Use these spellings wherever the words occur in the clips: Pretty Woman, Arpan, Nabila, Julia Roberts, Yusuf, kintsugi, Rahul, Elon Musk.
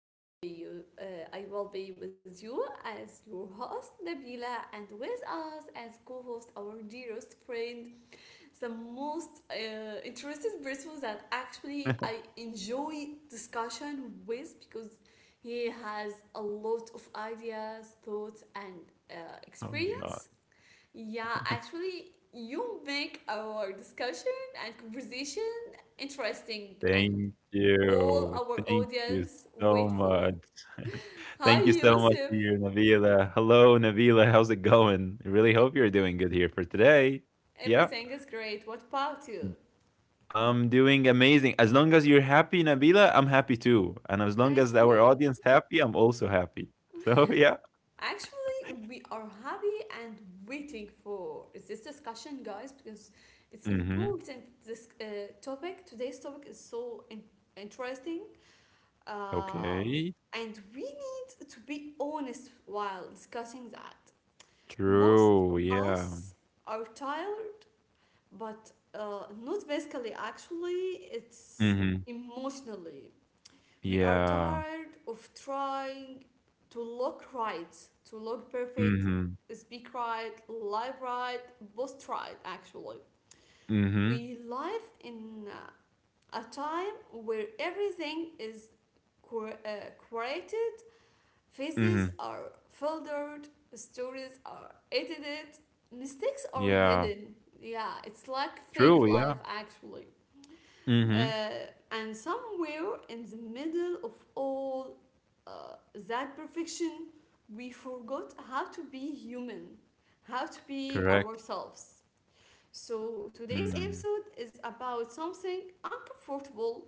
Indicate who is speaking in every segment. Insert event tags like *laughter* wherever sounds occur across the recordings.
Speaker 1: I will be you. Uh, I will be with you as your host, Nabila, and with us as co-host our dearest friend, the most interested person that actually I enjoy discussion with because he has a lot of ideas, thoughts, and
Speaker 2: Oh my
Speaker 1: experience,
Speaker 2: God.
Speaker 1: yeah, actually, you make our discussion and conversation interesting and
Speaker 2: Thank
Speaker 1: all
Speaker 2: you.
Speaker 1: our
Speaker 2: Thank you
Speaker 1: audience
Speaker 2: so
Speaker 1: wait for.
Speaker 2: much. *laughs*
Speaker 1: *laughs* Hi,
Speaker 2: Thank you so much
Speaker 1: Yusuf.
Speaker 2: to you, Nabila. Hello, Nabila. How's it going? I really hope you're doing good here for today. Yeah.
Speaker 1: Everything is great. What about you?
Speaker 2: I'm doing amazing. As long as you're happy, Nabila, I'm happy too. And as long
Speaker 1: Thank
Speaker 2: as our
Speaker 1: you.
Speaker 2: audience happy, I'm also happy. So *laughs* yeah.
Speaker 1: Actually, we are happy and waiting for this discussion, guys, because it's
Speaker 2: Mm-hmm.
Speaker 1: important. This topic is so interesting, Uh,
Speaker 2: Okay.
Speaker 1: and we need to be honest while discussing that. Most of
Speaker 2: True. Yeah.
Speaker 1: us are tired, but not physically, actually, it's
Speaker 2: Mm-hmm.
Speaker 1: emotionally. We are
Speaker 2: Yeah.
Speaker 1: tired of trying to look right, to look perfect,
Speaker 2: Mm-hmm.
Speaker 1: speak right, live right, post right, actually.
Speaker 2: Mm-hmm.
Speaker 1: We live in a time where everything is created. Faces
Speaker 2: Mm-hmm.
Speaker 1: are filtered, stories are edited, mistakes are
Speaker 2: Yeah.
Speaker 1: hidden. Yeah, it's like fake
Speaker 2: True.
Speaker 1: life
Speaker 2: Yeah.
Speaker 1: actually.
Speaker 2: Mm-hmm.
Speaker 1: And somewhere in the middle of all uh, that perfection, we forgot how to be human, how to be
Speaker 2: Correct.
Speaker 1: ourselves. So today's
Speaker 2: Mm.
Speaker 1: episode is about something uncomfortable,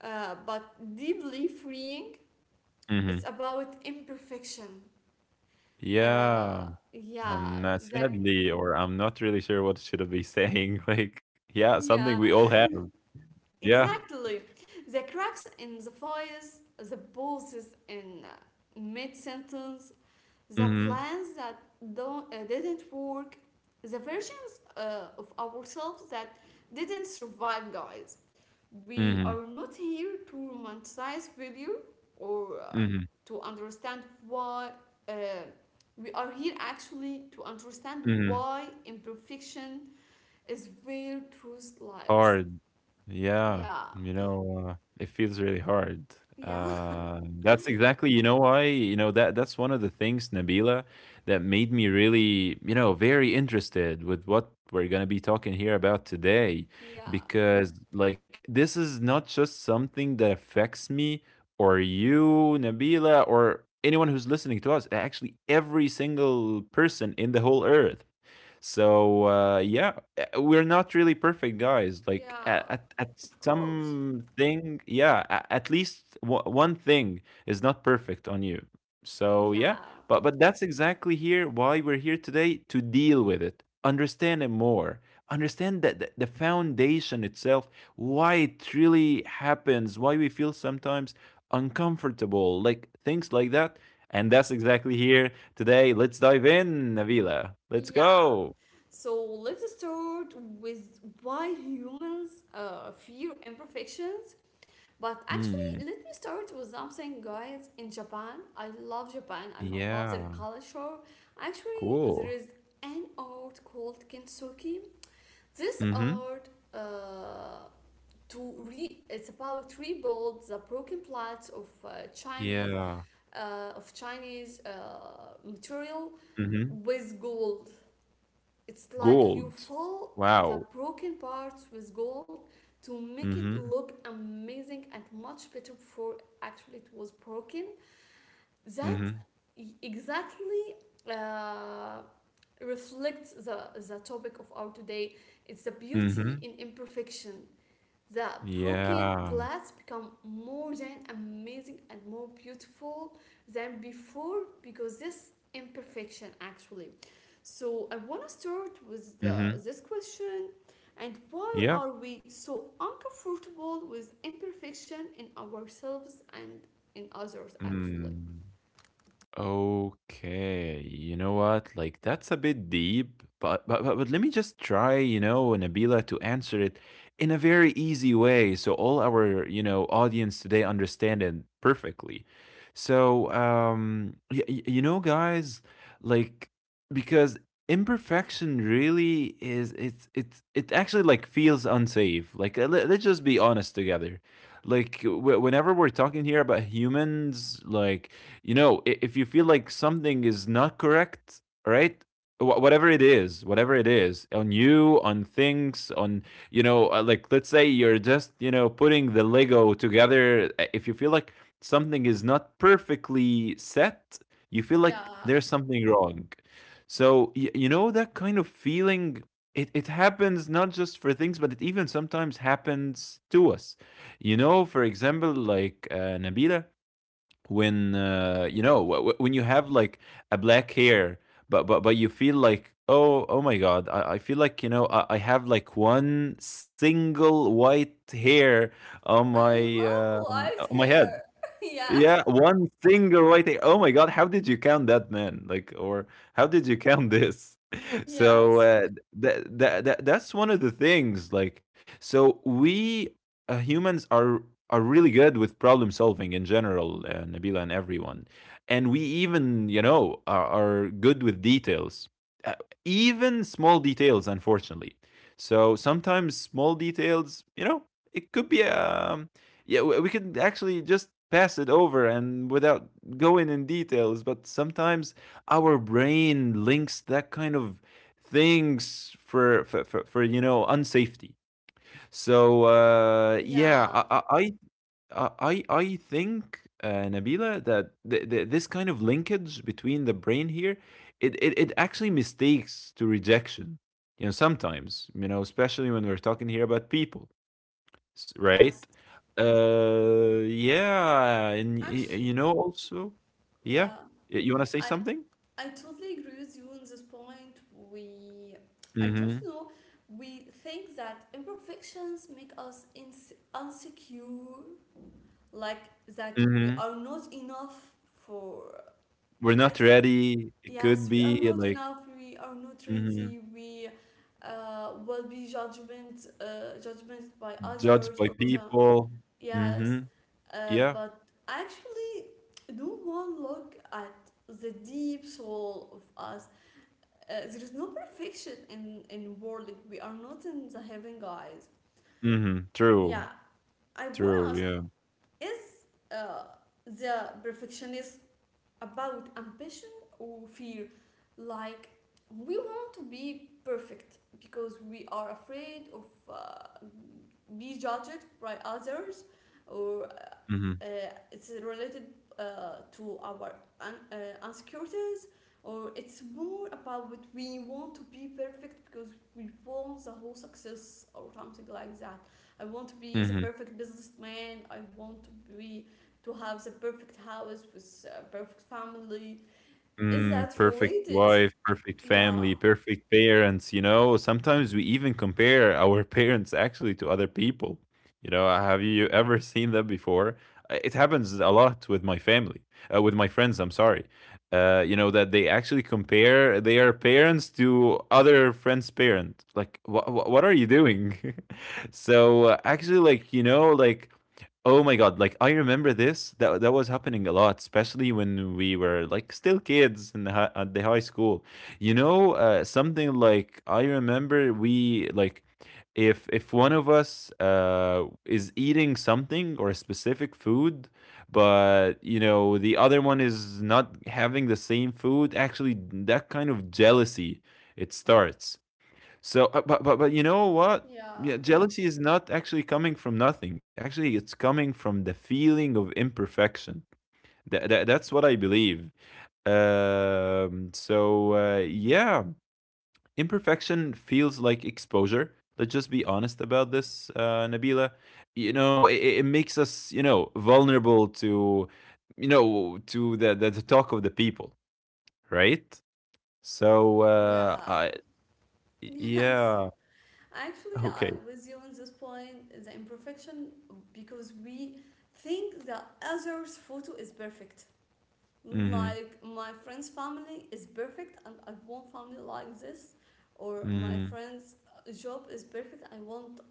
Speaker 1: but deeply freeing. It's
Speaker 2: Mhm.
Speaker 1: about imperfection.
Speaker 2: Yeah,
Speaker 1: Uh, yeah,
Speaker 2: and,
Speaker 1: the
Speaker 2: sadly or I'm not really sure what should I be saying, *laughs* like, yeah, something
Speaker 1: yeah,
Speaker 2: we all have.
Speaker 1: *laughs*
Speaker 2: Yeah.
Speaker 1: exactly. The cracks in the voice, the pauses in mid sentence, the
Speaker 2: Mhm.
Speaker 1: plans that don't didn't work, the versions of ourselves that didn't survive, guys. We
Speaker 2: Mhm.
Speaker 1: are not here to romanticize failure or
Speaker 2: Mhm.
Speaker 1: to understand why. Uh, we are here actually to understand
Speaker 2: Mhm. Mhm.
Speaker 1: why imperfection is where truth lives.
Speaker 2: Hard. Yeah.
Speaker 1: Yeah,
Speaker 2: You know, it feels really hard.
Speaker 1: yeah,
Speaker 2: That's exactly, you know, why, you know, that's one of the things, Nabila, that made me really, you know, very interested with what we're gonna be talking here about today,
Speaker 1: *laughs* yeah,
Speaker 2: because like this is not just something that affects me or you, Nabila, or anyone who's listening to us. Actually, every single person in the whole earth. So yeah, we're not really perfect, guys. Like
Speaker 1: yeah,
Speaker 2: at
Speaker 1: of course.
Speaker 2: some thing, yeah, at least one thing is not perfect on you. So yeah,
Speaker 1: Yeah,
Speaker 2: but that's exactly here why we're here today to deal with it, understand it more, understand that the foundation itself, why it really happens, why we feel sometimes uncomfortable, like things like that. And that's exactly here today. Let's dive in, Navila. Let's
Speaker 1: yeah.
Speaker 2: go.
Speaker 1: So let's start with why humans fear imperfections. But actually,
Speaker 2: Mm,
Speaker 1: let me start with something, guys. In Japan, I love Japan and I love their
Speaker 2: yeah,
Speaker 1: culture. Actually, there
Speaker 2: cool.
Speaker 1: is an art called kintsugi. This
Speaker 2: Mhm.
Speaker 1: art to re it's about rebuild the broken plots of Chinese
Speaker 2: Yeah.
Speaker 1: uh, of Chinese uh, material
Speaker 2: Mhm.
Speaker 1: with gold. It's like you
Speaker 2: Gold.
Speaker 1: fill the
Speaker 2: Wow.
Speaker 1: broken parts with gold to make it
Speaker 2: Mhm.
Speaker 1: look amazing and much better before actually it was broken. That
Speaker 2: Mhm.
Speaker 1: e- exactly uh, reflects the topic of our today. It's the beauty
Speaker 2: Mhm.
Speaker 1: in imperfection, the broken
Speaker 2: Yeah.
Speaker 1: glass become more than amazing and more beautiful than before because this imperfection actually. So I want to start with
Speaker 2: Mhm.
Speaker 1: this question, and why
Speaker 2: Yep.
Speaker 1: are we so uncomfortable with imperfection in ourselves and in others actually?
Speaker 2: Mm. Okay, you know what? Like that's a bit deep, but let me just try, you know, Nabila, to answer it in a very easy way so all our, you know, audience today understand it perfectly. So, you know, guys, like because imperfection really is it's it actually like feels unsafe. Like let's just be honest together. Like whenever we're talking here about humans, like you know, if you feel like something is not correct, right? Whatever it is, on you, on things, on, you know, like let's say you're just, you know, putting the Lego together. If you feel like something is not perfectly set, you feel like
Speaker 1: Yeah,
Speaker 2: there's something wrong. So, you know, that kind of feeling, it happens not just for things, but it even sometimes happens to us. You know, for example, like Nabila, when you know when you have like a black hair, but you feel like, oh my God, I feel like, you know, I have like one single white hair
Speaker 1: I love white
Speaker 2: on my head.
Speaker 1: hair. *laughs* Yeah,
Speaker 2: Yeah, one single right a, oh my God, how did you count that, man? Like, or how did you count this? *laughs* So
Speaker 1: yes,
Speaker 2: that's one of the things. Like, so we humans are really good with problem solving in general, Nabila and everyone, and we even, you know, are good with details, uh, even small details, unfortunately. So sometimes small details, you know, it could be a, yeah, we could actually just pass it over and without going in details, but sometimes our brain links that kind of things for you know, unsafety. So yeah,
Speaker 1: yeah,
Speaker 2: I think Nabila, that this kind of linkage between the brain here, it actually mistakes to rejection. You know, sometimes, you know, especially when we're talking here about people. S Right?
Speaker 1: yes.
Speaker 2: Yeah, and y y
Speaker 1: Actually,
Speaker 2: you know, also
Speaker 1: yeah,
Speaker 2: yeah. Y you wanna say
Speaker 1: I
Speaker 2: something?
Speaker 1: I totally agree with you on this point. We, I don't
Speaker 2: Mhm,
Speaker 1: know, we think that imperfections make us insecure, like that we
Speaker 2: mhm.
Speaker 1: are not enough for.
Speaker 2: We're
Speaker 1: I
Speaker 2: not
Speaker 1: don't.
Speaker 2: ready. It could
Speaker 1: Yes, we are
Speaker 2: be,
Speaker 1: not
Speaker 2: like,
Speaker 1: enough. We are not
Speaker 2: mhm,
Speaker 1: ready. We will be judgment by
Speaker 2: judged
Speaker 1: others
Speaker 2: by
Speaker 1: or some.
Speaker 2: people.
Speaker 1: Yes,
Speaker 2: Mhm, yeah.
Speaker 1: but actually, no one look at the deep soul of us. There is no perfection in world. Like, we are not in the heaven, guys.
Speaker 2: Mhm, true,
Speaker 1: Yeah, I want to
Speaker 2: true,
Speaker 1: ask,
Speaker 2: yeah.
Speaker 1: is uh, the perfectionist about ambition or fear? Like, we want to be perfect because we are afraid of uh, be judged by others, or uh,
Speaker 2: Mhm,
Speaker 1: it's related to our insecurities, or it's more about what we want to be perfect because we want the whole success or something like that. I want to be
Speaker 2: mhm.
Speaker 1: the perfect businessman. I want to be to have the perfect house with a perfect family. Is
Speaker 2: Mm,
Speaker 1: that
Speaker 2: perfect
Speaker 1: related?
Speaker 2: wife, perfect
Speaker 1: Yeah,
Speaker 2: family, perfect parents. You know, sometimes we even compare our *laughs* parents actually to other people. You know, have you ever *laughs* seen that before? It happens a lot with my family, with my friends. I'm sorry. You know that they actually compare their parents to other friends' parents. Like, what are you doing? *laughs* So actually, like, you know, like, oh my God, like I remember this, that was happening a lot, especially when we were like still kids in the at the high school. You know, something like I remember we like, if one of us is eating something or a specific food, but you know, the other one is not having the same food, actually that kind of jealousy, it starts. So, but you know what?
Speaker 1: yeah,
Speaker 2: Yeah, jealousy is not actually coming from nothing. Actually, it's coming from the feeling of imperfection. That's what I believe. So yeah, imperfection feels like exposure. Let's just be honest about this, Nabila. You know, it makes us, you know, vulnerable to, you know, to the talk of the people, right? So
Speaker 1: yeah,
Speaker 2: I
Speaker 1: *laughs* yes.
Speaker 2: yeah,
Speaker 1: Actually, I
Speaker 2: okay.
Speaker 1: was you on this point. The imperfection because we think the other's photo is perfect.
Speaker 2: Mm-hmm.
Speaker 1: Like my friend's family is perfect, and I want family like this, or my
Speaker 2: Mhm.
Speaker 1: friend's job is perfect. I want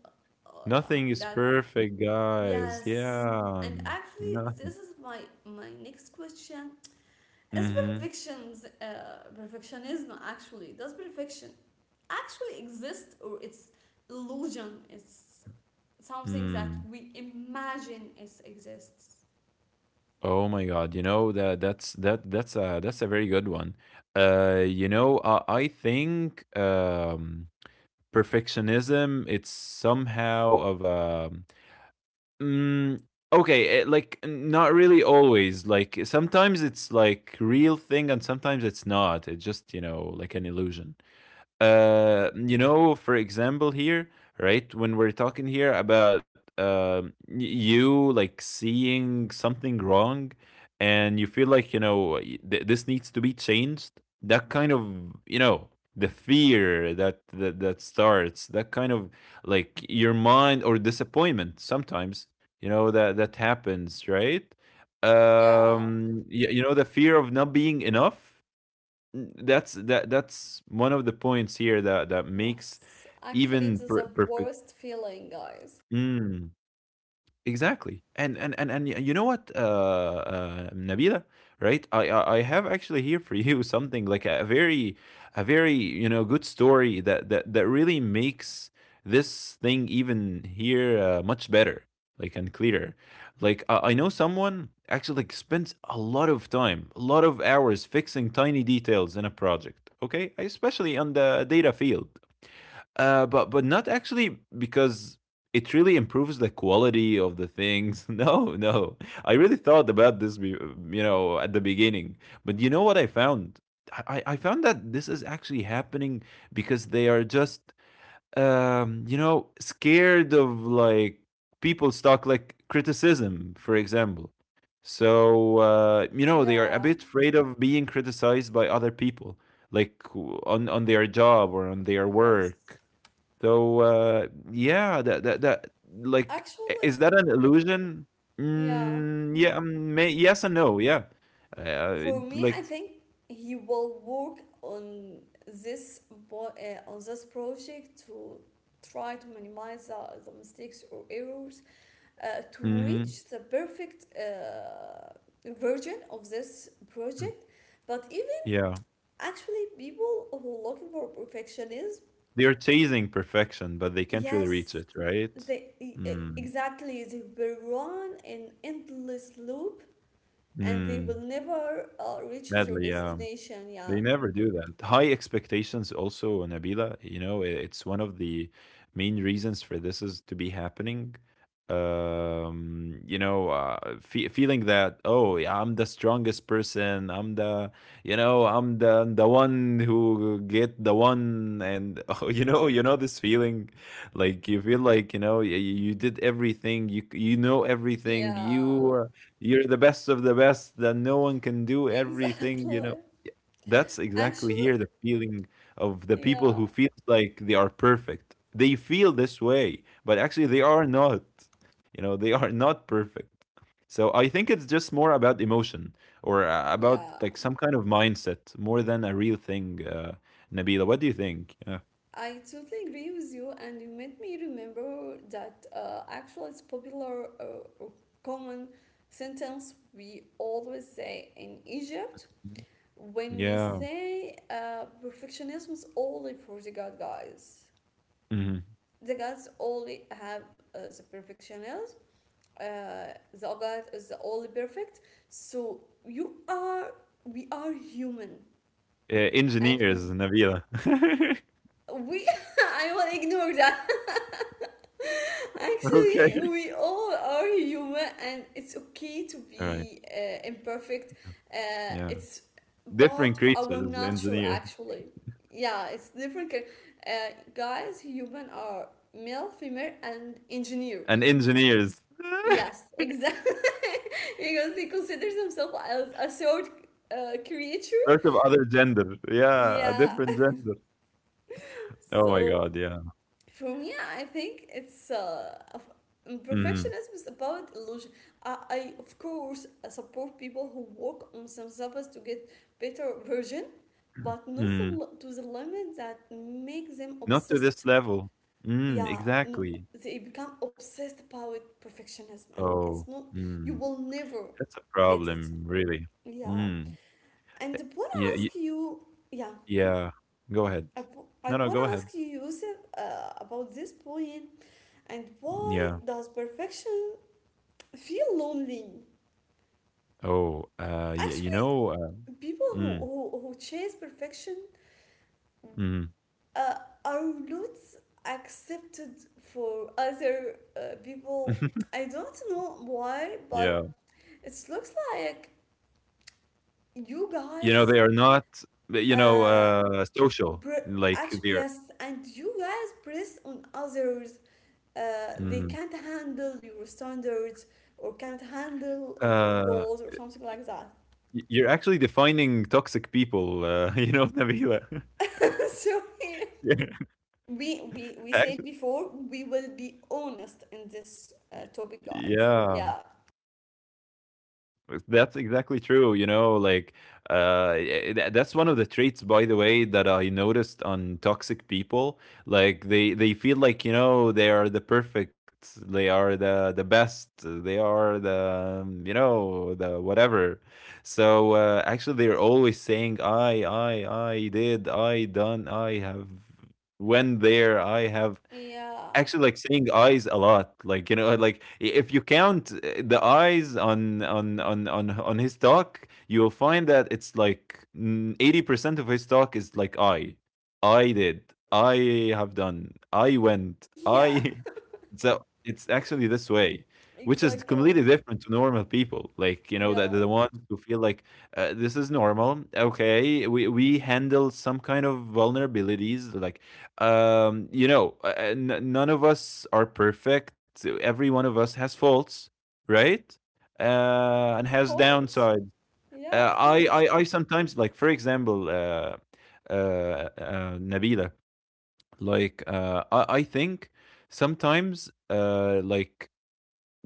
Speaker 1: uh,
Speaker 2: Nothing is
Speaker 1: guy
Speaker 2: perfect, guys.
Speaker 1: Yes,
Speaker 2: Yeah.
Speaker 1: and actually, this
Speaker 2: Nothing.
Speaker 1: is my next question. Is
Speaker 2: Mhm.
Speaker 1: perfections perfectionism actually does perfection actually exist, or it's illusion? It's something that
Speaker 2: Mm.
Speaker 1: we imagine it exists.
Speaker 2: Oh my God. You know, that's a very good one. You know, I think, perfectionism, it's somehow of a, mm, okay, like, not really always. Like sometimes it's like real thing and sometimes it's not. It's just, you know, like an illusion. You know, for example, here, right, when we're talking here about you like seeing something wrong and you feel like, you know, this needs to be changed, that kind of, you know, the fear that starts that kind of, like, your mind or disappointment sometimes, you know, that happens, right?
Speaker 1: Yeah,
Speaker 2: You, you know, the fear of not being enough, that's one of the points here that makes
Speaker 1: yes. Actually, it
Speaker 2: even
Speaker 1: is the
Speaker 2: perfect.
Speaker 1: worst feeling, guys.
Speaker 2: Mm. Exactly. And you know what, Nabila, right? I have actually here for *laughs* you something like a very, you know, good story that really makes this thing even here much better, like, and clearer. Like I know someone actually like spends a lot of time, a lot of hours fixing tiny details in a project. Okay, especially on the data field, but not actually because it really improves the quality of the things. *laughs* No, no, I really thought about this, you know, at the beginning. But you know what I found? I found that this is actually happening because they are just, you know, scared of, like, people's talk, like criticism, for example. So you know, they are a
Speaker 1: Yeah,
Speaker 2: bit afraid of being criticized by other people, like, on their job or on their
Speaker 1: yes.
Speaker 2: work. So, yeah, that that that like, is
Speaker 1: Actually,
Speaker 2: that an illusion?
Speaker 1: yeah.
Speaker 2: Mm, yeah, may yes and no, yeah. Uh,
Speaker 1: For me, I
Speaker 2: like
Speaker 1: think he will work on this on this project to try to minimize the mistakes or errors to
Speaker 2: mhm,
Speaker 1: reach the perfect version of this
Speaker 2: mm,
Speaker 1: project. But even
Speaker 2: yeah.
Speaker 1: actually, people who are looking for perfectionism,
Speaker 2: They're chasing perfection, but they can't really reach
Speaker 1: yes,
Speaker 2: it, right?
Speaker 1: they
Speaker 2: Mm,
Speaker 1: exactly they will run an endless loop and they will
Speaker 2: mm,
Speaker 1: never reach their
Speaker 2: sadly, yeah.
Speaker 1: destination. Yeah.
Speaker 2: They never do that. High expectations also, Nabila, you know, it's one of the main reasons for this is to be happening. You know, feeling that, oh, yeah, I'm the strongest person. I'm the one who get the one, and *laughs* oh, you know this feeling, like you feel like, you know, you did everything, you know everything.
Speaker 1: Yeah,
Speaker 2: Uh, you're the best of the best, that no one can do everything, you know,
Speaker 1: exactly.
Speaker 2: that's exactly
Speaker 1: Actually,
Speaker 2: here the feeling of the people
Speaker 1: yeah,
Speaker 2: who feel like they are perfect. They feel this way, but actually they are not. You know, they are not perfect. So I think it's just more about emotion or about,
Speaker 1: yeah,
Speaker 2: like, some kind of mindset more than a real thing. Nabila, what do you think? Yeah.
Speaker 1: I totally agree with you, and you made me remember that actually it's popular or common sentence we always say in Egypt,
Speaker 2: Mhm.
Speaker 1: when we
Speaker 2: Yeah.
Speaker 1: say perfectionism is only for the God, guys.
Speaker 2: Hmm.
Speaker 1: The gods only have the perfectionism. The God is the only perfect. So we are human and
Speaker 2: Engineers, Nabila. *laughs*
Speaker 1: we *laughs* I will ignore that. *laughs* Actually,
Speaker 2: Okay.
Speaker 1: we all are human, and it's okay to
Speaker 2: All right.
Speaker 1: be imperfect.
Speaker 2: Yeah.
Speaker 1: It's
Speaker 2: Different
Speaker 1: part of our
Speaker 2: creatures,
Speaker 1: nature,
Speaker 2: engineers.
Speaker 1: actually. Yeah, it's different. Uh, Guys, human are male, female, and
Speaker 2: And
Speaker 1: engineers.
Speaker 2: engineers. *laughs*
Speaker 1: Yes, exactly. *laughs* because he considers himself as a third creature.
Speaker 2: Part of other gender. Yeah, a
Speaker 1: Yeah.
Speaker 2: different
Speaker 1: *laughs*
Speaker 2: gender. Oh my
Speaker 1: So
Speaker 2: God, yeah.
Speaker 1: for me, I think
Speaker 2: Mhm,
Speaker 1: perfectionism is about illusion. I of course I support people who work on themselves to get better version, but not
Speaker 2: mhm.
Speaker 1: to the limit that make them
Speaker 2: Not to this
Speaker 1: obsessed.
Speaker 2: level. Mm,
Speaker 1: Yeah, no,
Speaker 2: exactly.
Speaker 1: they become obsessed about perfectionism, and it's
Speaker 2: Oh,
Speaker 1: not. You
Speaker 2: mm.
Speaker 1: will never
Speaker 2: That's a
Speaker 1: get it.
Speaker 2: problem, really.
Speaker 1: Yeah,
Speaker 2: Mm.
Speaker 1: and
Speaker 2: Eh,
Speaker 1: I wanna
Speaker 2: yeah, y
Speaker 1: ask you. Yeah,
Speaker 2: yeah. Go ahead.
Speaker 1: I
Speaker 2: No, no,
Speaker 1: wanna
Speaker 2: go
Speaker 1: ask
Speaker 2: ahead.
Speaker 1: you, Yusuf, about this point. And
Speaker 2: Yeah.
Speaker 1: why does perfection feel lonely?
Speaker 2: Oh, yeah, you
Speaker 1: Actually,
Speaker 2: know,
Speaker 1: people who,
Speaker 2: mm,
Speaker 1: who chase perfection
Speaker 2: mm.
Speaker 1: uh, are not accepted for other people.
Speaker 2: *laughs*
Speaker 1: I don't know why,
Speaker 2: Yeah.
Speaker 1: but it looks like you
Speaker 2: You know, they
Speaker 1: guys
Speaker 2: are not, you know,
Speaker 1: uh,
Speaker 2: social.
Speaker 1: br-
Speaker 2: Like
Speaker 1: actually
Speaker 2: they're,
Speaker 1: yes, and you guys press on others. They
Speaker 2: mhm.
Speaker 1: can't handle your standards or can't handle your
Speaker 2: Uh,
Speaker 1: goals or something like that.
Speaker 2: You're actually defining toxic people, *laughs* you know, Nabila. *laughs*
Speaker 1: *laughs* So yeah,
Speaker 2: Yeah,
Speaker 1: we we said
Speaker 2: actu-
Speaker 1: before we will be honest in this topic, guys.
Speaker 2: yeah,
Speaker 1: Yeah,
Speaker 2: that's exactly true. You know, like that's one of the traits, by the way, that I noticed on toxic people. Like they feel like, you know, they are the perfect, they are the best, they are the, you know, the whatever. So actually, they're always saying, I did, I done, I have, went there, I have."
Speaker 1: yeah,
Speaker 2: Actually, like seeing eyes a lot, like you know, like if you count the eyes on his talk, you'll find that it's like 80% of his talk is like I did, I have done, I went,
Speaker 1: *laughs* yeah,
Speaker 2: I. *laughs* So it's actually this way, which is completely
Speaker 1: exactly,
Speaker 2: different to normal people. Like you know, that the
Speaker 1: yeah,
Speaker 2: ones who feel like this is normal. Okay, we handle some kind of vulnerabilities, like none of us are perfect. Every one of us has faults, right? And
Speaker 1: of
Speaker 2: has
Speaker 1: course,
Speaker 2: downsides.
Speaker 1: yeah,
Speaker 2: Uh,
Speaker 1: of
Speaker 2: I,
Speaker 1: course,
Speaker 2: I, I sometimes like, for example, Nabila. Like, I think sometimes, like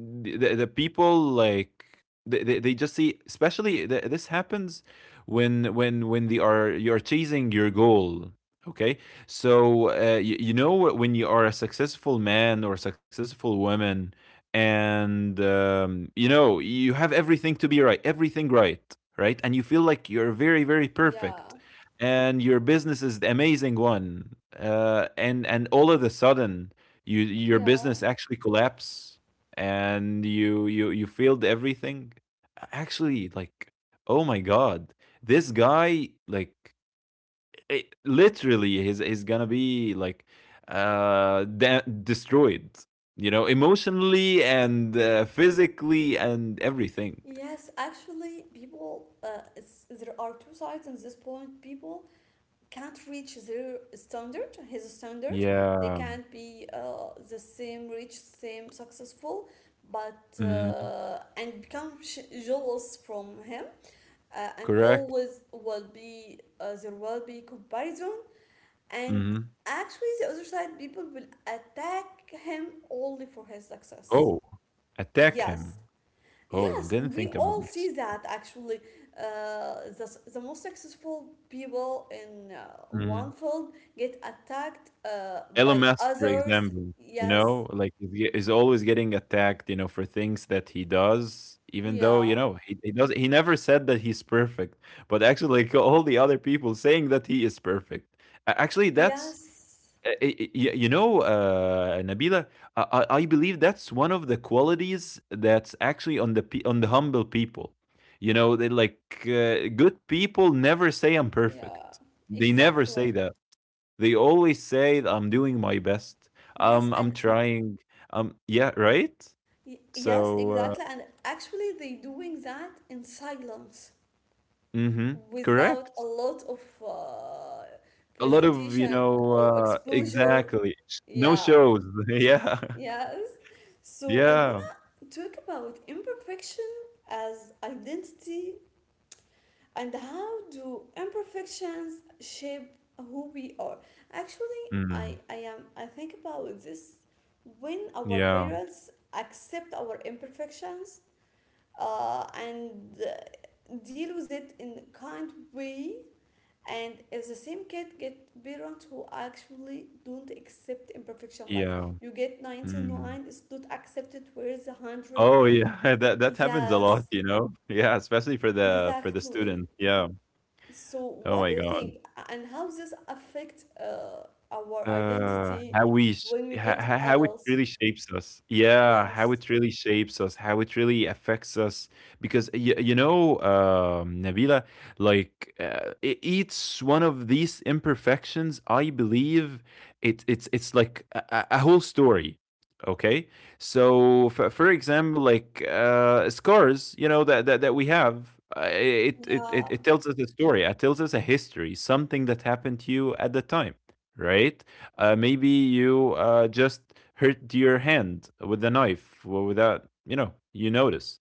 Speaker 2: the people like they just see, especially this happens when when they are you're chasing your goal, okay? So you, you know, when you are a successful man or successful woman and you know, you have everything to be right, everything, right, and you feel like you're very, very
Speaker 1: yeah,
Speaker 2: perfect, and your business is the amazing one, and all of a sudden your
Speaker 1: yeah,
Speaker 2: business actually collapse, and you failed everything, actually, like, oh my god, this guy, like, it, literally he's gonna be like destroyed, you know, emotionally and physically and everything.
Speaker 1: yes. Actually, there are two sides in this point. People can't reach his standard. They
Speaker 2: Yeah.
Speaker 1: can't be the same rich, same successful, but
Speaker 2: Hmm,
Speaker 1: and become jealous from him. And
Speaker 2: correct.
Speaker 1: always will be there will be comparison. And
Speaker 2: Hmm.
Speaker 1: actually, the other side people will attack him only for his success.
Speaker 2: Oh, attack
Speaker 1: Yes.
Speaker 2: him. Oh,
Speaker 1: Yes,
Speaker 2: didn't
Speaker 1: we
Speaker 2: think about
Speaker 1: all see
Speaker 2: this.
Speaker 1: that actually. The most successful people in one
Speaker 2: Mm-hmm.
Speaker 1: field get attacked
Speaker 2: Elon
Speaker 1: by
Speaker 2: Musk, for
Speaker 1: others.
Speaker 2: example, you
Speaker 1: Yes,
Speaker 2: know, like, is is always getting attacked, you know, for things that he does, even though you
Speaker 1: yeah,
Speaker 2: know he, does. He never said that he's perfect, but actually, like, *laughs* all the other people saying that he is perfect. Actually, that's
Speaker 1: yes,
Speaker 2: Nabila, I believe that's one of the qualities that's actually on the humble people. You know, they like, good people never say I'm
Speaker 1: yeah,
Speaker 2: perfect. They never
Speaker 1: exactly.
Speaker 2: say that, they always say that I'm doing my best.
Speaker 1: Yes,
Speaker 2: I'm
Speaker 1: and
Speaker 2: trying. Yeah, right?
Speaker 1: yes,
Speaker 2: So,
Speaker 1: exactly. And actually, they doing that in silence
Speaker 2: mhm,
Speaker 1: without a
Speaker 2: correct.
Speaker 1: lot of uh,
Speaker 2: A lot of,
Speaker 1: presentation or exposure.
Speaker 2: exactly. No
Speaker 1: Yeah,
Speaker 2: shows. *laughs* Yeah.
Speaker 1: yes. So I
Speaker 2: Yeah.
Speaker 1: talk about imperfection as identity, and how do imperfections shape who we are actually. i
Speaker 2: Mm.
Speaker 1: i am i think about this when our
Speaker 2: Yeah.
Speaker 1: parents accept our imperfections and deal with it in a kind way, and as the same kid get parents who actually don't accept imperfection, like
Speaker 2: Yeah.
Speaker 1: you get 99,
Speaker 2: Mm.
Speaker 1: it's not accepted, where's the 100?
Speaker 2: Oh, yeah, *laughs* that happens a
Speaker 1: Yes,
Speaker 2: lot, *laughs* Yeah, especially for the
Speaker 1: exactly.
Speaker 2: student. Yeah.
Speaker 1: So, what
Speaker 2: Oh
Speaker 1: do you
Speaker 2: my god.
Speaker 1: think, and how does this affect our identity
Speaker 2: How we s
Speaker 1: when we
Speaker 2: ho
Speaker 1: get
Speaker 2: ho how it
Speaker 1: adults?
Speaker 2: really shapes us. Yeah, how
Speaker 1: Yes.
Speaker 2: it really shapes us, how it really affects us. Because y you know, Nabila, like, e each one of these imperfections, I believe it's like a whole story, okay? So, for example, like, scars, that we have, it it it
Speaker 1: Yeah.
Speaker 2: it tells us a story. It tells us a history, something that happened to you at the time, right? Maybe you just hurt your hand with a knife without, you notice.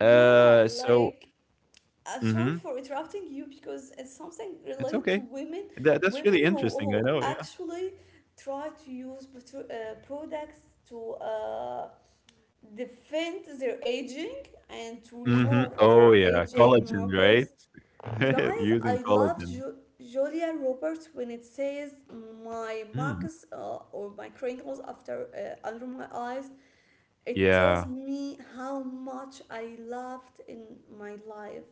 Speaker 1: Yeah.
Speaker 2: so,
Speaker 1: Like, I'm sorry
Speaker 2: hmm,
Speaker 1: for interrupting you, because it's something
Speaker 2: it's
Speaker 1: related to
Speaker 2: okay.
Speaker 1: women,
Speaker 2: That's
Speaker 1: women
Speaker 2: really interesting. I
Speaker 1: who
Speaker 2: know. Yeah.
Speaker 1: actually try to use products to defend their aging and to
Speaker 2: Hmm.
Speaker 1: remove
Speaker 2: Oh,
Speaker 1: all
Speaker 2: yeah.
Speaker 1: aging
Speaker 2: Collagen, right?
Speaker 1: markers.
Speaker 2: *laughs*
Speaker 1: Guys,
Speaker 2: Using
Speaker 1: I love
Speaker 2: collagen.
Speaker 1: Julia Roberts when it says my
Speaker 2: Mm.
Speaker 1: marks or my crinkles after under my eyes. It tells
Speaker 2: Yeah.
Speaker 1: me how much I loved in my life.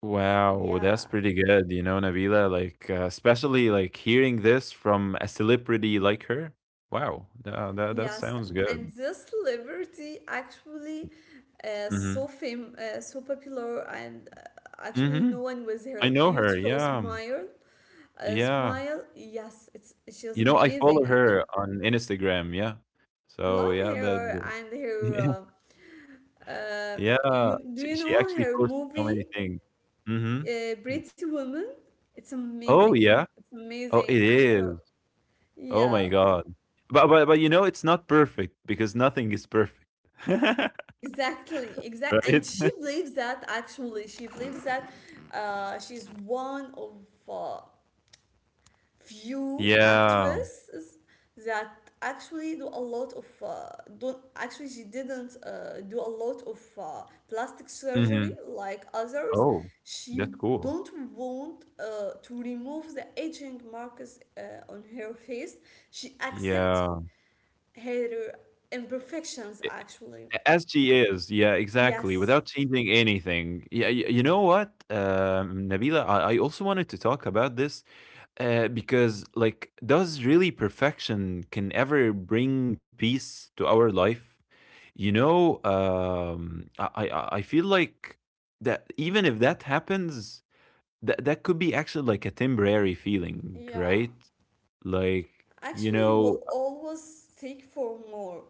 Speaker 2: Wow, that's
Speaker 1: Yeah,
Speaker 2: pretty good, you know, Nabila. Like, especially like hearing this from a celebrity like her. Wow, that
Speaker 1: yes,
Speaker 2: sounds good.
Speaker 1: and this celebrity actually
Speaker 2: Mm-hmm.
Speaker 1: so fame, so popular, and actually
Speaker 2: Mm-hmm.
Speaker 1: known with
Speaker 2: I
Speaker 1: her
Speaker 2: know her.
Speaker 1: beautiful
Speaker 2: Yeah.
Speaker 1: smile.
Speaker 2: Yeah.
Speaker 1: Smile, yes, it's she was
Speaker 2: You know, I follow
Speaker 1: amazing
Speaker 2: her
Speaker 1: actually.
Speaker 2: on Instagram, yeah.
Speaker 1: I
Speaker 2: So,
Speaker 1: love
Speaker 2: yeah, that
Speaker 1: her and her
Speaker 2: the *laughs*
Speaker 1: uh, Uh,
Speaker 2: yeah, yeah,
Speaker 1: you do
Speaker 2: she
Speaker 1: you
Speaker 2: she
Speaker 1: know
Speaker 2: actually
Speaker 1: her
Speaker 2: posts so many
Speaker 1: movie,
Speaker 2: things. Mhm. Mm.
Speaker 1: Pretty Woman? It's
Speaker 2: Oh,
Speaker 1: amazing.
Speaker 2: yeah.
Speaker 1: It's
Speaker 2: Oh, it
Speaker 1: amazing, and her,
Speaker 2: is. Oh
Speaker 1: yeah,
Speaker 2: my god. But, you know, it's not perfect because nothing is perfect. *laughs*
Speaker 1: exactly, exact.
Speaker 2: Right?
Speaker 1: And she
Speaker 2: *laughs*
Speaker 1: believes that, actually, she believes that she's one of uh, few
Speaker 2: Yeah.
Speaker 1: actresses that actually do a lot of don't actually she didn't do a lot of plastic surgery
Speaker 2: Mhm.
Speaker 1: like others.
Speaker 2: Oh,
Speaker 1: She
Speaker 2: that's cool.
Speaker 1: don't want to remove the aging marks on her face. She accepts
Speaker 2: Yeah.
Speaker 1: her
Speaker 2: A
Speaker 1: imperfections actually.
Speaker 2: a as she is. Yeah, exactly,
Speaker 1: Yes,
Speaker 2: without changing anything. Yeah, y you know what, Nabila, I also wanted to talk about this. Because, like, does really perfection can ever bring peace to our life, you know? I feel like that even if that happens, that could be actually like a temporary feeling,
Speaker 1: yeah,
Speaker 2: right? Like, you
Speaker 1: actually you
Speaker 2: know.
Speaker 1: will always seek for more.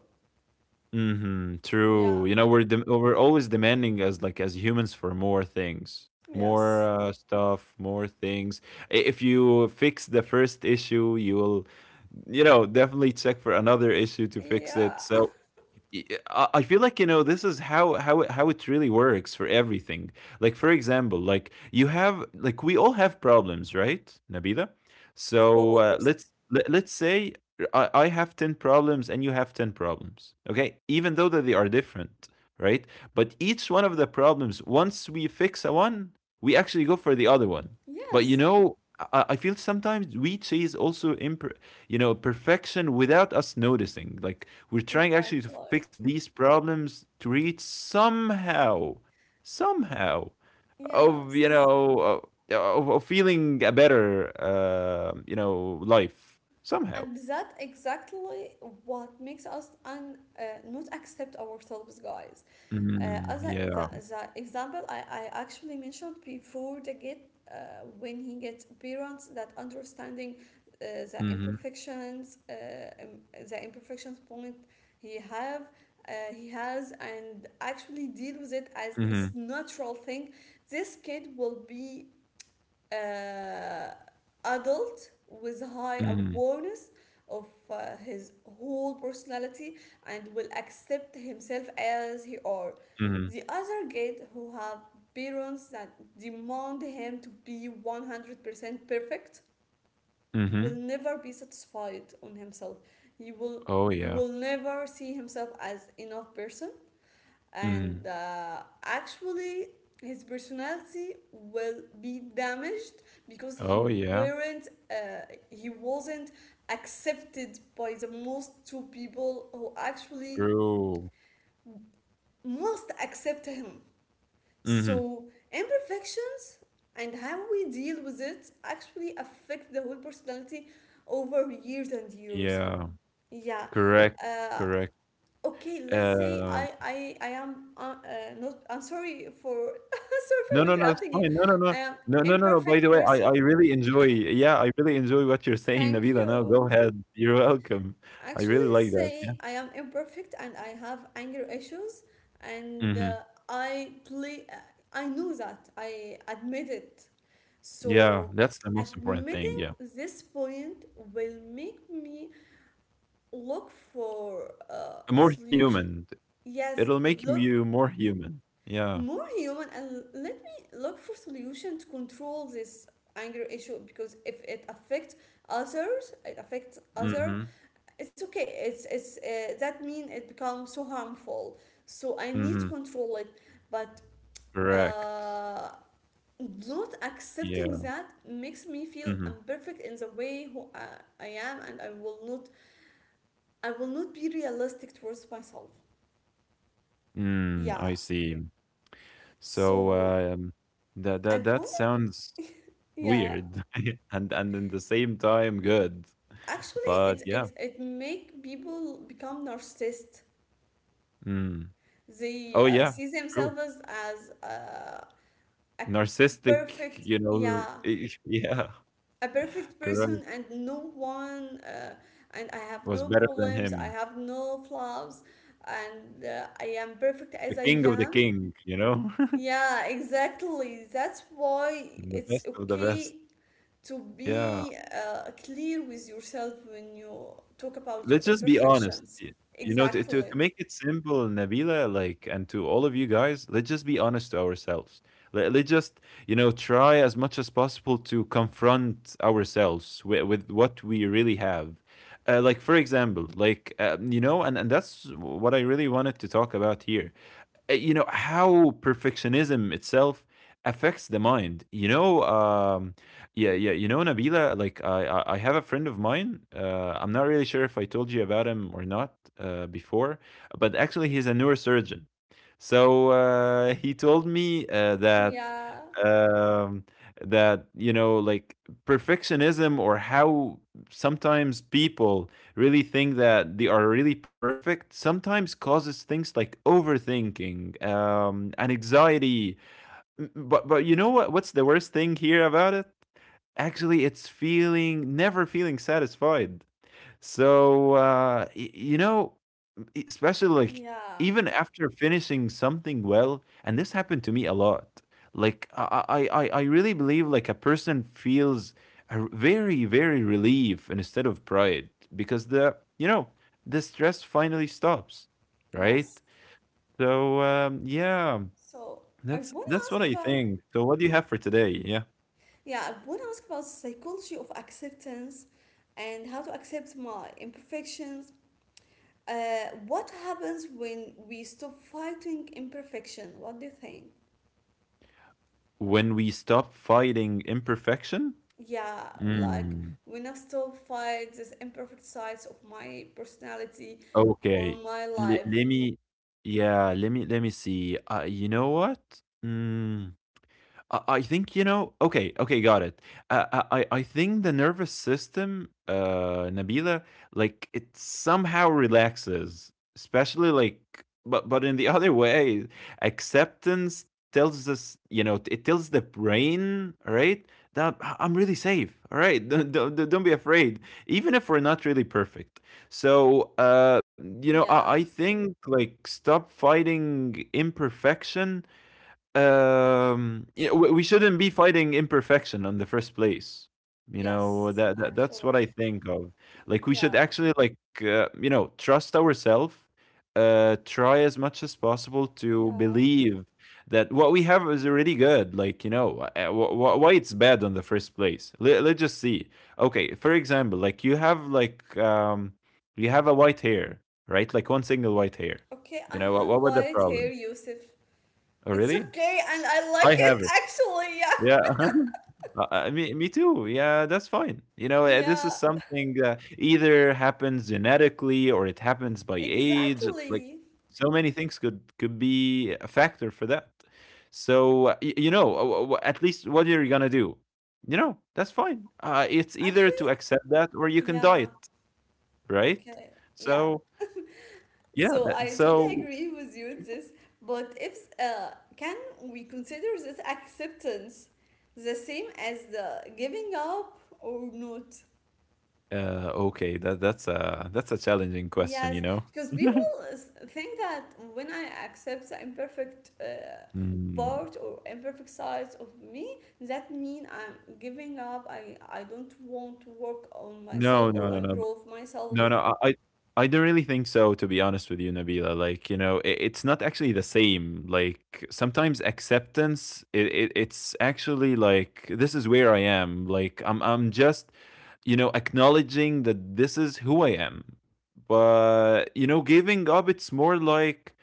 Speaker 2: Mhm,
Speaker 1: Yeah,
Speaker 2: true. You know, we're dem we're always demanding as like as humans for more things, more
Speaker 1: yes,
Speaker 2: stuff, more things. I If you fix the first issue, you will, you know, definitely check for another issue to fix it.
Speaker 1: yeah,
Speaker 2: So I feel like, you know, this is how it really works for everything. Like, for example, like we all have problems, right, Nabila?
Speaker 1: of
Speaker 2: So
Speaker 1: course.
Speaker 2: let's say I have 10 problems and you have 10 problems. Okay, even though that they are different, right? But each one of the problems, once we fix a one, we actually go for the other one. But you
Speaker 1: Yes,
Speaker 2: know, I feel sometimes we chase also perfection without us noticing, like, we're trying actually to
Speaker 1: exactly.
Speaker 2: fix these problems to reach somehow, somehow of
Speaker 1: Yes.
Speaker 2: of feeling a better, life somehow.
Speaker 1: And that exactly what makes us not accept ourselves, guys.
Speaker 2: Mm,
Speaker 1: As
Speaker 2: yeah.
Speaker 1: the example I actually mentioned before, the kid, when he gets parents that understanding uh, the
Speaker 2: Mm-hmm.
Speaker 1: imperfections, uh, um, the imperfections point he have, he has, and actually deal with it as
Speaker 2: Mm-hmm.
Speaker 1: it's natural thing, this kid will be uh, adult with high
Speaker 2: Mm-hmm.
Speaker 1: awareness of his whole personality and will accept himself as he are.
Speaker 2: Mm-hmm.
Speaker 1: The other kid who have parents that demand him to be 100% perfect will
Speaker 2: Mm-hmm.
Speaker 1: never be satisfied on himself. He will
Speaker 2: Oh,
Speaker 1: he
Speaker 2: yeah.
Speaker 1: will never see himself as enough person, and
Speaker 2: Mm-hmm.
Speaker 1: actually his personality will be damaged because he
Speaker 2: Oh, yeah,
Speaker 1: weren't he wasn't accepted by the most two people who actually
Speaker 2: true.
Speaker 1: must accept him.
Speaker 2: Mm-hmm.
Speaker 1: So imperfections and how we deal with it actually affect the whole personality over years and years.
Speaker 2: Yeah,
Speaker 1: Yeah.
Speaker 2: correct,
Speaker 1: uh,
Speaker 2: correct.
Speaker 1: okay, let's say i
Speaker 2: um
Speaker 1: i i am not, I'm sorry for *laughs* sorry for
Speaker 2: No, no, no, it's
Speaker 1: interrupting you.
Speaker 2: fine. No, no, no.
Speaker 1: I am
Speaker 2: No, no, no, no. By the
Speaker 1: imperfect
Speaker 2: way, I,
Speaker 1: person.
Speaker 2: I really enjoy what you're saying,
Speaker 1: Thank
Speaker 2: Nabila. No,
Speaker 1: you.
Speaker 2: go ahead. *laughs* You're welcome. I really
Speaker 1: Actually,
Speaker 2: like that. Yeah.
Speaker 1: say I am imperfect and I have anger issues. And
Speaker 2: Hmm.
Speaker 1: I play I know that, I admit it.
Speaker 2: Yeah,
Speaker 1: So
Speaker 2: that's the most important thing.
Speaker 1: admitting
Speaker 2: Yeah.
Speaker 1: this point will make me look for a
Speaker 2: More
Speaker 1: solution.
Speaker 2: human.
Speaker 1: Yes.
Speaker 2: It'll make
Speaker 1: Look
Speaker 2: you more human. Yeah.
Speaker 1: more human and let me look for solution to control this anger issue, because if it affects others, it affects other,
Speaker 2: Mm-hmm.
Speaker 1: it's okay, it's that mean it becomes so harmful, so I need to
Speaker 2: Mm-hmm.
Speaker 1: control it. But
Speaker 2: Correct.
Speaker 1: uh not accepting
Speaker 2: Yeah.
Speaker 1: that makes me feel
Speaker 2: Mm-hmm.
Speaker 1: imperfect in the way who I am, and I will not, I will not be realistic towards myself. Yeah.
Speaker 2: I see. So
Speaker 1: So
Speaker 2: that that
Speaker 1: I
Speaker 2: that
Speaker 1: wanted,
Speaker 2: sounds
Speaker 1: yeah,
Speaker 2: weird, *laughs* and in the same time good.
Speaker 1: actually
Speaker 2: But
Speaker 1: it it
Speaker 2: yeah.
Speaker 1: it make people become narcissist.
Speaker 2: Mm. Oh,
Speaker 1: They
Speaker 2: yeah,
Speaker 1: see
Speaker 2: true.
Speaker 1: themselves as a
Speaker 2: Narcissistic,
Speaker 1: perfect,
Speaker 2: you know,
Speaker 1: yeah,
Speaker 2: *laughs* yeah,
Speaker 1: a perfect person,
Speaker 2: correct,
Speaker 1: and no one and I have
Speaker 2: was
Speaker 1: no
Speaker 2: better than
Speaker 1: problems, I
Speaker 2: him.
Speaker 1: have no flaws, and I am perfect
Speaker 2: The
Speaker 1: as I
Speaker 2: king of the
Speaker 1: am.
Speaker 2: king, you know? *laughs*
Speaker 1: Yeah, exactly, that's why
Speaker 2: The
Speaker 1: it's
Speaker 2: best of the best.
Speaker 1: okay to
Speaker 2: Yeah.
Speaker 1: be clear with yourself when you talk about your
Speaker 2: Let's just be honest.
Speaker 1: imperfections.
Speaker 2: Y You know, to to
Speaker 1: Exactly.
Speaker 2: to make it simple, Nabila, like, and to all of you guys, let's just be honest to ourselves. Let's just, you know, try as much as possible to confront ourselves with, what we really have. Like, for example, like, you know, and that's what I really wanted to talk about here. You know how perfectionism itself affects the mind. Yeah, yeah, you know, Nabila, like, I have a friend of mine. I'm not really sure if I told you about him or not, before, but actually he's a neurosurgeon. So he told me uh, that
Speaker 1: Yeah,
Speaker 2: um that you know, like, perfectionism, or how sometimes people really think that they are really perfect, sometimes causes things like overthinking, and anxiety. But, you know what's the worst thing here about it? Actually, it's feeling, never feeling satisfied. So, you know, especially like,
Speaker 1: yeah,
Speaker 2: even after finishing something well, and this happened to me a lot. Like, I really believe like a person feels a very, very relief instead of pride, because the you know the stress finally stops, right?
Speaker 1: yes.
Speaker 2: So yeah,
Speaker 1: So I
Speaker 2: that's
Speaker 1: want to
Speaker 2: that's
Speaker 1: ask
Speaker 2: what I
Speaker 1: about,
Speaker 2: think. So what do you have for today? Yeah,
Speaker 1: yeah, I want to ask about psychology of acceptance and how to accept my imperfections. What happens when we stop fighting imperfection? What do you think?
Speaker 2: when we stop fighting imperfection.
Speaker 1: Yeah, like
Speaker 2: Mm.
Speaker 1: when I stop fight these imperfect sides of my personality or
Speaker 2: Okay,
Speaker 1: my
Speaker 2: le
Speaker 1: life.
Speaker 2: let me, yeah, let me see, you know what? Mm. I think, Okay, okay, got it. Uh, I think the nervous system, Nabila, like, it somehow relaxes, especially, like, but in the *laughs* other way, acceptance tells us, it tells the brain, right, that I'm really safe. All right, *laughs* don't be afraid, even if we're not really perfect. So, you know, I
Speaker 1: Yeah,
Speaker 2: think, like, stop fighting imperfection, yeah, we shouldn't be fighting imperfection in the first place. You know,
Speaker 1: yes,
Speaker 2: that that's what
Speaker 1: actually.
Speaker 2: I think of. Like, we should
Speaker 1: Yeah,
Speaker 2: actually, like, you know, trust ourselves, try as much as possible to
Speaker 1: yeah.
Speaker 2: believe that what we have is already good. Like, you know, why it's bad in the first place. Let's just see. Okay, for example, like, you have a white hair, right? Like, one single white hair.
Speaker 1: Okay, I
Speaker 2: You know
Speaker 1: have
Speaker 2: what was the
Speaker 1: white hair,
Speaker 2: problem?
Speaker 1: Yusuf.
Speaker 2: Oh,
Speaker 1: It's
Speaker 2: really?
Speaker 1: okay, and I
Speaker 2: I
Speaker 1: like
Speaker 2: have
Speaker 1: it
Speaker 2: it.
Speaker 1: actually. Yeah,
Speaker 2: Yeah. *laughs* Uh-huh. Me too. Yeah, that's fine. You know, this
Speaker 1: yeah,
Speaker 2: is something that either happens genetically or it happens by age. Like,
Speaker 1: exactly.
Speaker 2: so many things could be a factor for that. So you know, at least what you're gonna do, that's fine. It's either
Speaker 1: Actually,
Speaker 2: to accept that or you can
Speaker 1: yeah,
Speaker 2: diet, right?
Speaker 1: okay, yeah.
Speaker 2: So yeah,
Speaker 1: So
Speaker 2: that,
Speaker 1: I totally
Speaker 2: so
Speaker 1: agree with you with this, but if can we consider this acceptance the same as the giving up or not?
Speaker 2: okay, that's a challenging question,
Speaker 1: Yes,
Speaker 2: you know.
Speaker 1: because
Speaker 2: *laughs*
Speaker 1: people think that when I accept the imperfect
Speaker 2: Mm.
Speaker 1: part or imperfect sides of me, that mean I'm giving up. I don't want to work on
Speaker 2: No,
Speaker 1: myself
Speaker 2: no,
Speaker 1: or
Speaker 2: no, no.
Speaker 1: improve myself.
Speaker 2: No, no, I don't really think so, to be honest with you, Nabila. Like, you know, it's not actually the same. Like, sometimes acceptance, it's actually like, this is where I am. Like, I'm just, you know, acknowledging that this is who I am. But, you know, giving up, it's more like,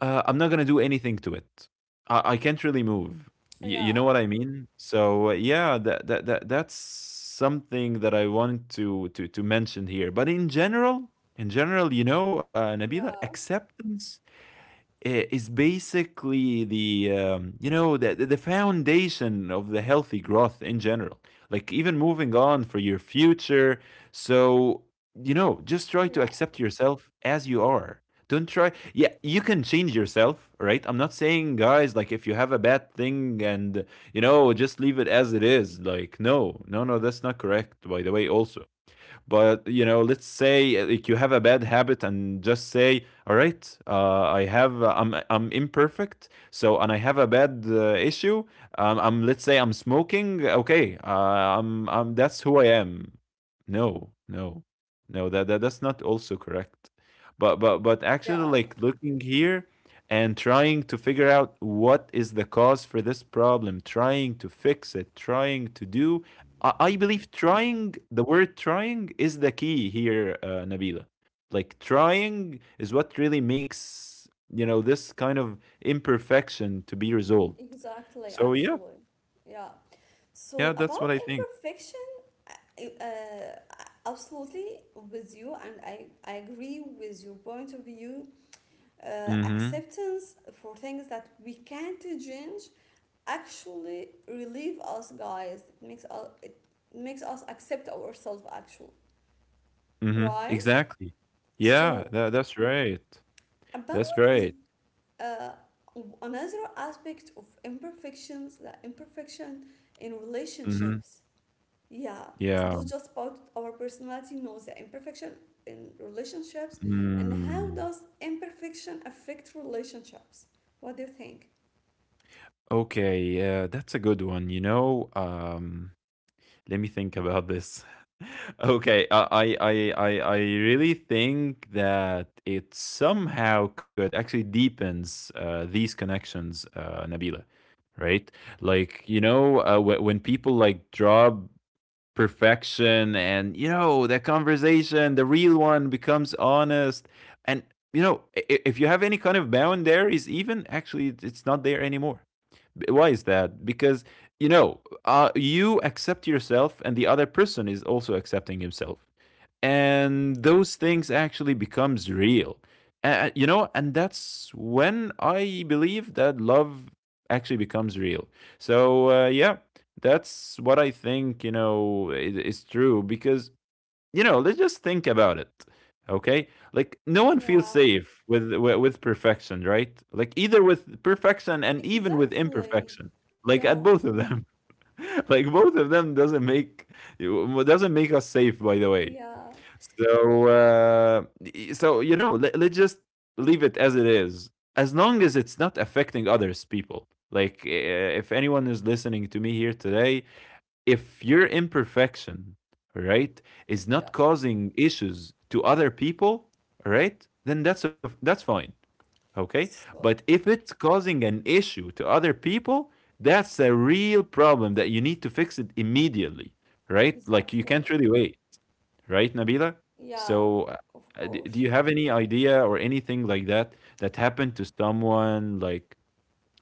Speaker 2: I'm not gonna do anything to it. I can't really move. Y- you know
Speaker 1: Yeah,
Speaker 2: what I mean? So yeah, that's something that I want to mention here. But in general, you know, Nabila,
Speaker 1: yeah,
Speaker 2: acceptance is basically the you know, the foundation of the healthy growth in general, like even moving on for your future. So you know, just try to
Speaker 1: yeah,
Speaker 2: accept yourself as you are. Don't try, yeah, you can change yourself, right? I'm not saying, guys, like if you have a bad thing and, you know, just leave it as it is, like no, that's not correct, by the way, also. But you know, let's say like you have a bad habit and just say, "All right, I'm imperfect, so, and I have a bad issue. I'm, let's say I'm smoking. Okay, I'm that's who I am." No, no, no. That's not also correct. But actually,
Speaker 1: yeah.
Speaker 2: like looking here and trying to figure out what is the cause for this problem, trying to fix it, trying to do, I believe trying, the word trying, is the key here, Nabila. Like trying is what really makes, you know, this kind of imperfection to be resolved.
Speaker 1: Exactly.
Speaker 2: So yeah,
Speaker 1: Actually, yeah. So
Speaker 2: yeah, that's what
Speaker 1: about
Speaker 2: I think.
Speaker 1: imperfection, I- uh, absolutely with you, and I agree with your point of view.
Speaker 2: Mm-hmm.
Speaker 1: Acceptance for things that we can't change actually relieve us, guys. It makes us, it makes us accept ourselves, actually,
Speaker 2: Mm-hmm.
Speaker 1: right?
Speaker 2: Exactly. Yeah,
Speaker 1: So
Speaker 2: that's right.
Speaker 1: about
Speaker 2: That's right.
Speaker 1: the uh, another aspect of imperfections, the imperfection in
Speaker 2: Mm-hmm.
Speaker 1: relationships. Yeah, it's
Speaker 2: Yeah.
Speaker 1: not just about our personality, no, the imperfection in relationships, and how
Speaker 2: Mm.
Speaker 1: does imperfection affect relationships? What do you think?
Speaker 2: Okay, yeah, that's a good one, you know. Let me think about this. *laughs* Okay, I really think that it somehow could actually deepens these connections, Nabila. Right? Like you know, when people like drop perfection, and you know, that conversation, the real one, becomes honest, and you know, if you have any kind of boundaries, even actually it's not there anymore. Why is that? Because you know, you accept yourself, and the other person is also accepting himself, and those things actually becomes real. You know, and that's when I believe that love actually becomes real. So yeah, that's what I think. You know, is true because, you know, let's just think about it. Okay? Like no one feels
Speaker 1: Yeah.
Speaker 2: safe with with perfection, right? Like either with perfection and even with
Speaker 1: Exactly.
Speaker 2: imperfection. Like at
Speaker 1: Yeah,
Speaker 2: both of them. *laughs* Like both of them doesn't make doesn't make us safe, by the way.
Speaker 1: yeah,
Speaker 2: So so you know, let's just leave it as it is, as long as it's not affecting others people. Like if anyone is listening to me here today, if your imperfection, right, is not
Speaker 1: yeah.
Speaker 2: causing issues to other people, right, then that's fine, okay. But
Speaker 1: So,
Speaker 2: if it's causing an issue to other people, that's a real problem that you need to fix it immediately, right? Like you
Speaker 1: exactly.
Speaker 2: can't really wait, right, Nabila?
Speaker 1: Yeah,
Speaker 2: So,
Speaker 1: of
Speaker 2: do
Speaker 1: course.
Speaker 2: you have any idea or anything like that that happened to someone, like,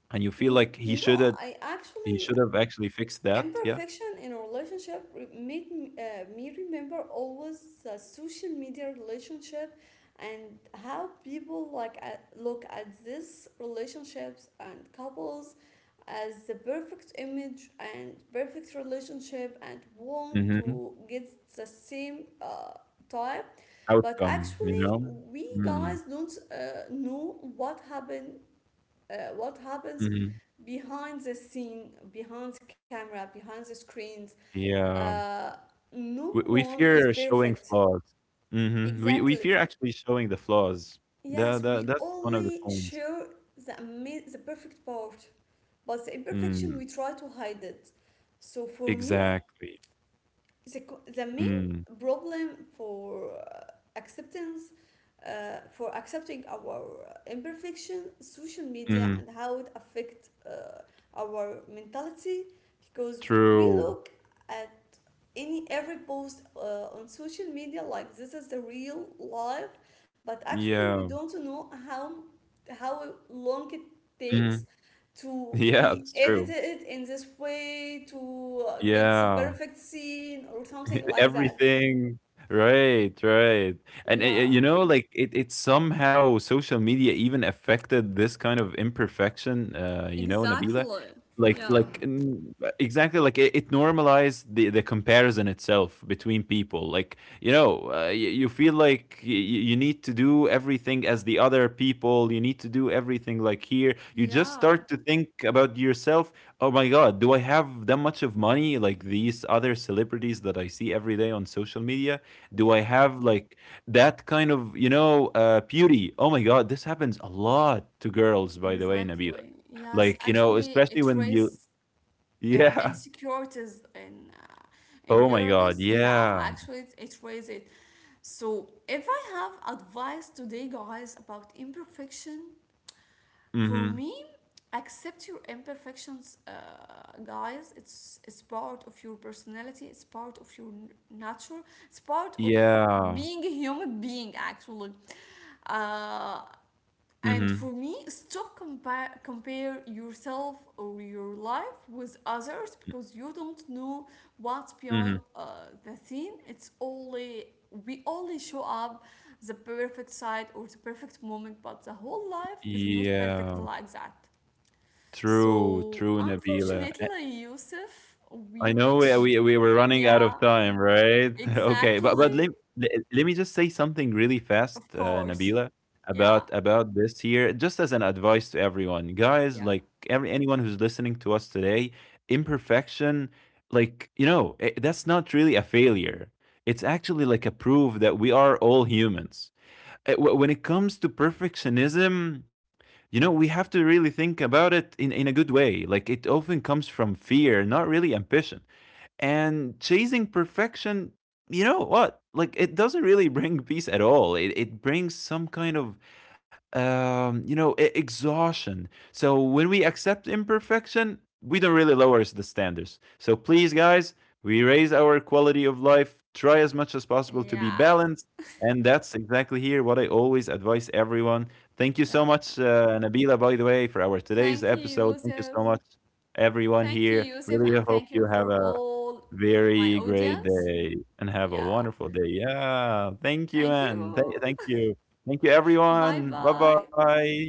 Speaker 2: and you feel like he should
Speaker 1: No,
Speaker 2: have,
Speaker 1: I
Speaker 2: he
Speaker 1: actually,
Speaker 2: should have actually fixed that?
Speaker 1: imperfection in a relationship made me remember always the social media relationship, and how people like look at these relationships and couples as the perfect image and perfect relationship, and want
Speaker 2: Yeah.
Speaker 1: to get the same type. But
Speaker 2: Outcome, you
Speaker 1: actually
Speaker 2: know?
Speaker 1: we
Speaker 2: Mm,
Speaker 1: guys don't know what happened, what happens
Speaker 2: mhm,
Speaker 1: behind the scene, behind the camera, behind the screens.
Speaker 2: yeah.
Speaker 1: Uh, no
Speaker 2: We
Speaker 1: one is
Speaker 2: fear showing
Speaker 1: perfect.
Speaker 2: flaws. Mhm, we
Speaker 1: Exactly.
Speaker 2: fear actually showing the flaws. That
Speaker 1: Yes,
Speaker 2: that
Speaker 1: we
Speaker 2: that's one of the
Speaker 1: only
Speaker 2: points.
Speaker 1: share the perfect part, but the imperfection
Speaker 2: Mm,
Speaker 1: we try to hide it. So for me,
Speaker 2: exactly.
Speaker 1: the main
Speaker 2: Mm,
Speaker 1: problem for acceptance for accepting our imperfection, social media,
Speaker 2: mhm,
Speaker 1: and how it affects our mentality, because we
Speaker 2: true.
Speaker 1: look at any every post on social media like this is the real life, but actually we
Speaker 2: Yeah.
Speaker 1: don't know how long it
Speaker 2: Mhm.
Speaker 1: takes
Speaker 2: *laughs*
Speaker 1: to
Speaker 2: Yeah, it's
Speaker 1: be
Speaker 2: true.
Speaker 1: edited in this way to get the
Speaker 2: Yeah.
Speaker 1: perfect scene or something
Speaker 2: *laughs*
Speaker 1: like that.
Speaker 2: Everything. Right, right. And,
Speaker 1: Yeah.
Speaker 2: you know, like it somehow social media even affected this kind of imperfection, you know, Nabila.
Speaker 1: Exactly.
Speaker 2: Like,
Speaker 1: Yeah.
Speaker 2: exactly, like it normalized the comparison itself between people. Like, you know, you feel like you need to do everything as the other people. You need to do everything like here. You just
Speaker 1: Yeah.
Speaker 2: start to think about yourself. Oh my god, do I have that much of money like these other celebrities that I see every day on social media? Do
Speaker 1: Yeah.
Speaker 2: I have like that kind of, you know, beauty? Oh my god, this happens a lot to girls, by the way,
Speaker 1: Exactly.
Speaker 2: Nabila.
Speaker 1: Yes.
Speaker 2: Like, you know,
Speaker 1: Actually, it
Speaker 2: especially when you,
Speaker 1: raises
Speaker 2: yeah. *laughs*
Speaker 1: insecurities in
Speaker 2: Oh my god,
Speaker 1: girls. Yeah.
Speaker 2: yeah.
Speaker 1: Actually, it raises it. So, if I have advice today, guys, about imperfection,
Speaker 2: Mm-hmm.
Speaker 1: for me, accept your imperfections, guys. It's part of your personality. It's part of your nature. It's part of
Speaker 2: Yeah.
Speaker 1: being a human being. Actually, uh, and
Speaker 2: Mm-hmm.
Speaker 1: for me, stop compare yourself or your life with others, because you don't know what's
Speaker 2: Mm-hmm.
Speaker 1: beyond the scene. It's only, we only show up the perfect side or the perfect moment, but the whole life is not perfect
Speaker 2: Yeah.
Speaker 1: like that.
Speaker 2: True,
Speaker 1: So
Speaker 2: true, Nabila.
Speaker 1: unfortunately, Yusuf,
Speaker 2: I
Speaker 1: we
Speaker 2: know we
Speaker 1: reach.
Speaker 2: we we were running out of
Speaker 1: Yeah,
Speaker 2: time, right? *laughs* Okay, but
Speaker 1: exactly.
Speaker 2: let me just say something really fast,
Speaker 1: Of course.
Speaker 2: Nabila,
Speaker 1: Yeah.
Speaker 2: about this here, just as an advice to everyone, guys,
Speaker 1: Yeah.
Speaker 2: like every anyone who's listening to us today. Imperfection, like you know, I that's not really a failure. It's actually like a proof that we are all humans. When it comes to perfectionism, you know, we have to really think about it in a good way. Like it often comes from fear, not really ambition, and chasing perfection, you know what, like it doesn't really *laughs* bring peace at all. It brings some kind of you know, exhaustion. So when we accept imperfection, we don't really lower the standards, so please guys, we raise our quality of life, try as much as possible to be
Speaker 1: Yeah.
Speaker 2: balanced, and that's exactly here what I always advise everyone. Thank you so
Speaker 1: Yeah.
Speaker 2: much, Nabila, by the way, for our
Speaker 1: Thank
Speaker 2: today's
Speaker 1: you,
Speaker 2: episode. Thank you
Speaker 1: Yusuf.
Speaker 2: so much, everyone
Speaker 1: Thank you,
Speaker 2: here,
Speaker 1: Yusuf, and
Speaker 2: really. I
Speaker 1: thank you
Speaker 2: hope you
Speaker 1: for
Speaker 2: have a
Speaker 1: all my
Speaker 2: very great
Speaker 1: audience.
Speaker 2: day and have a
Speaker 1: Yeah,
Speaker 2: wonderful day. Yeah. Thank
Speaker 1: thank
Speaker 2: you, and
Speaker 1: you.
Speaker 2: thank you. Thank you,
Speaker 1: *laughs* Bye
Speaker 2: everyone. Bye
Speaker 1: bye.
Speaker 2: bye.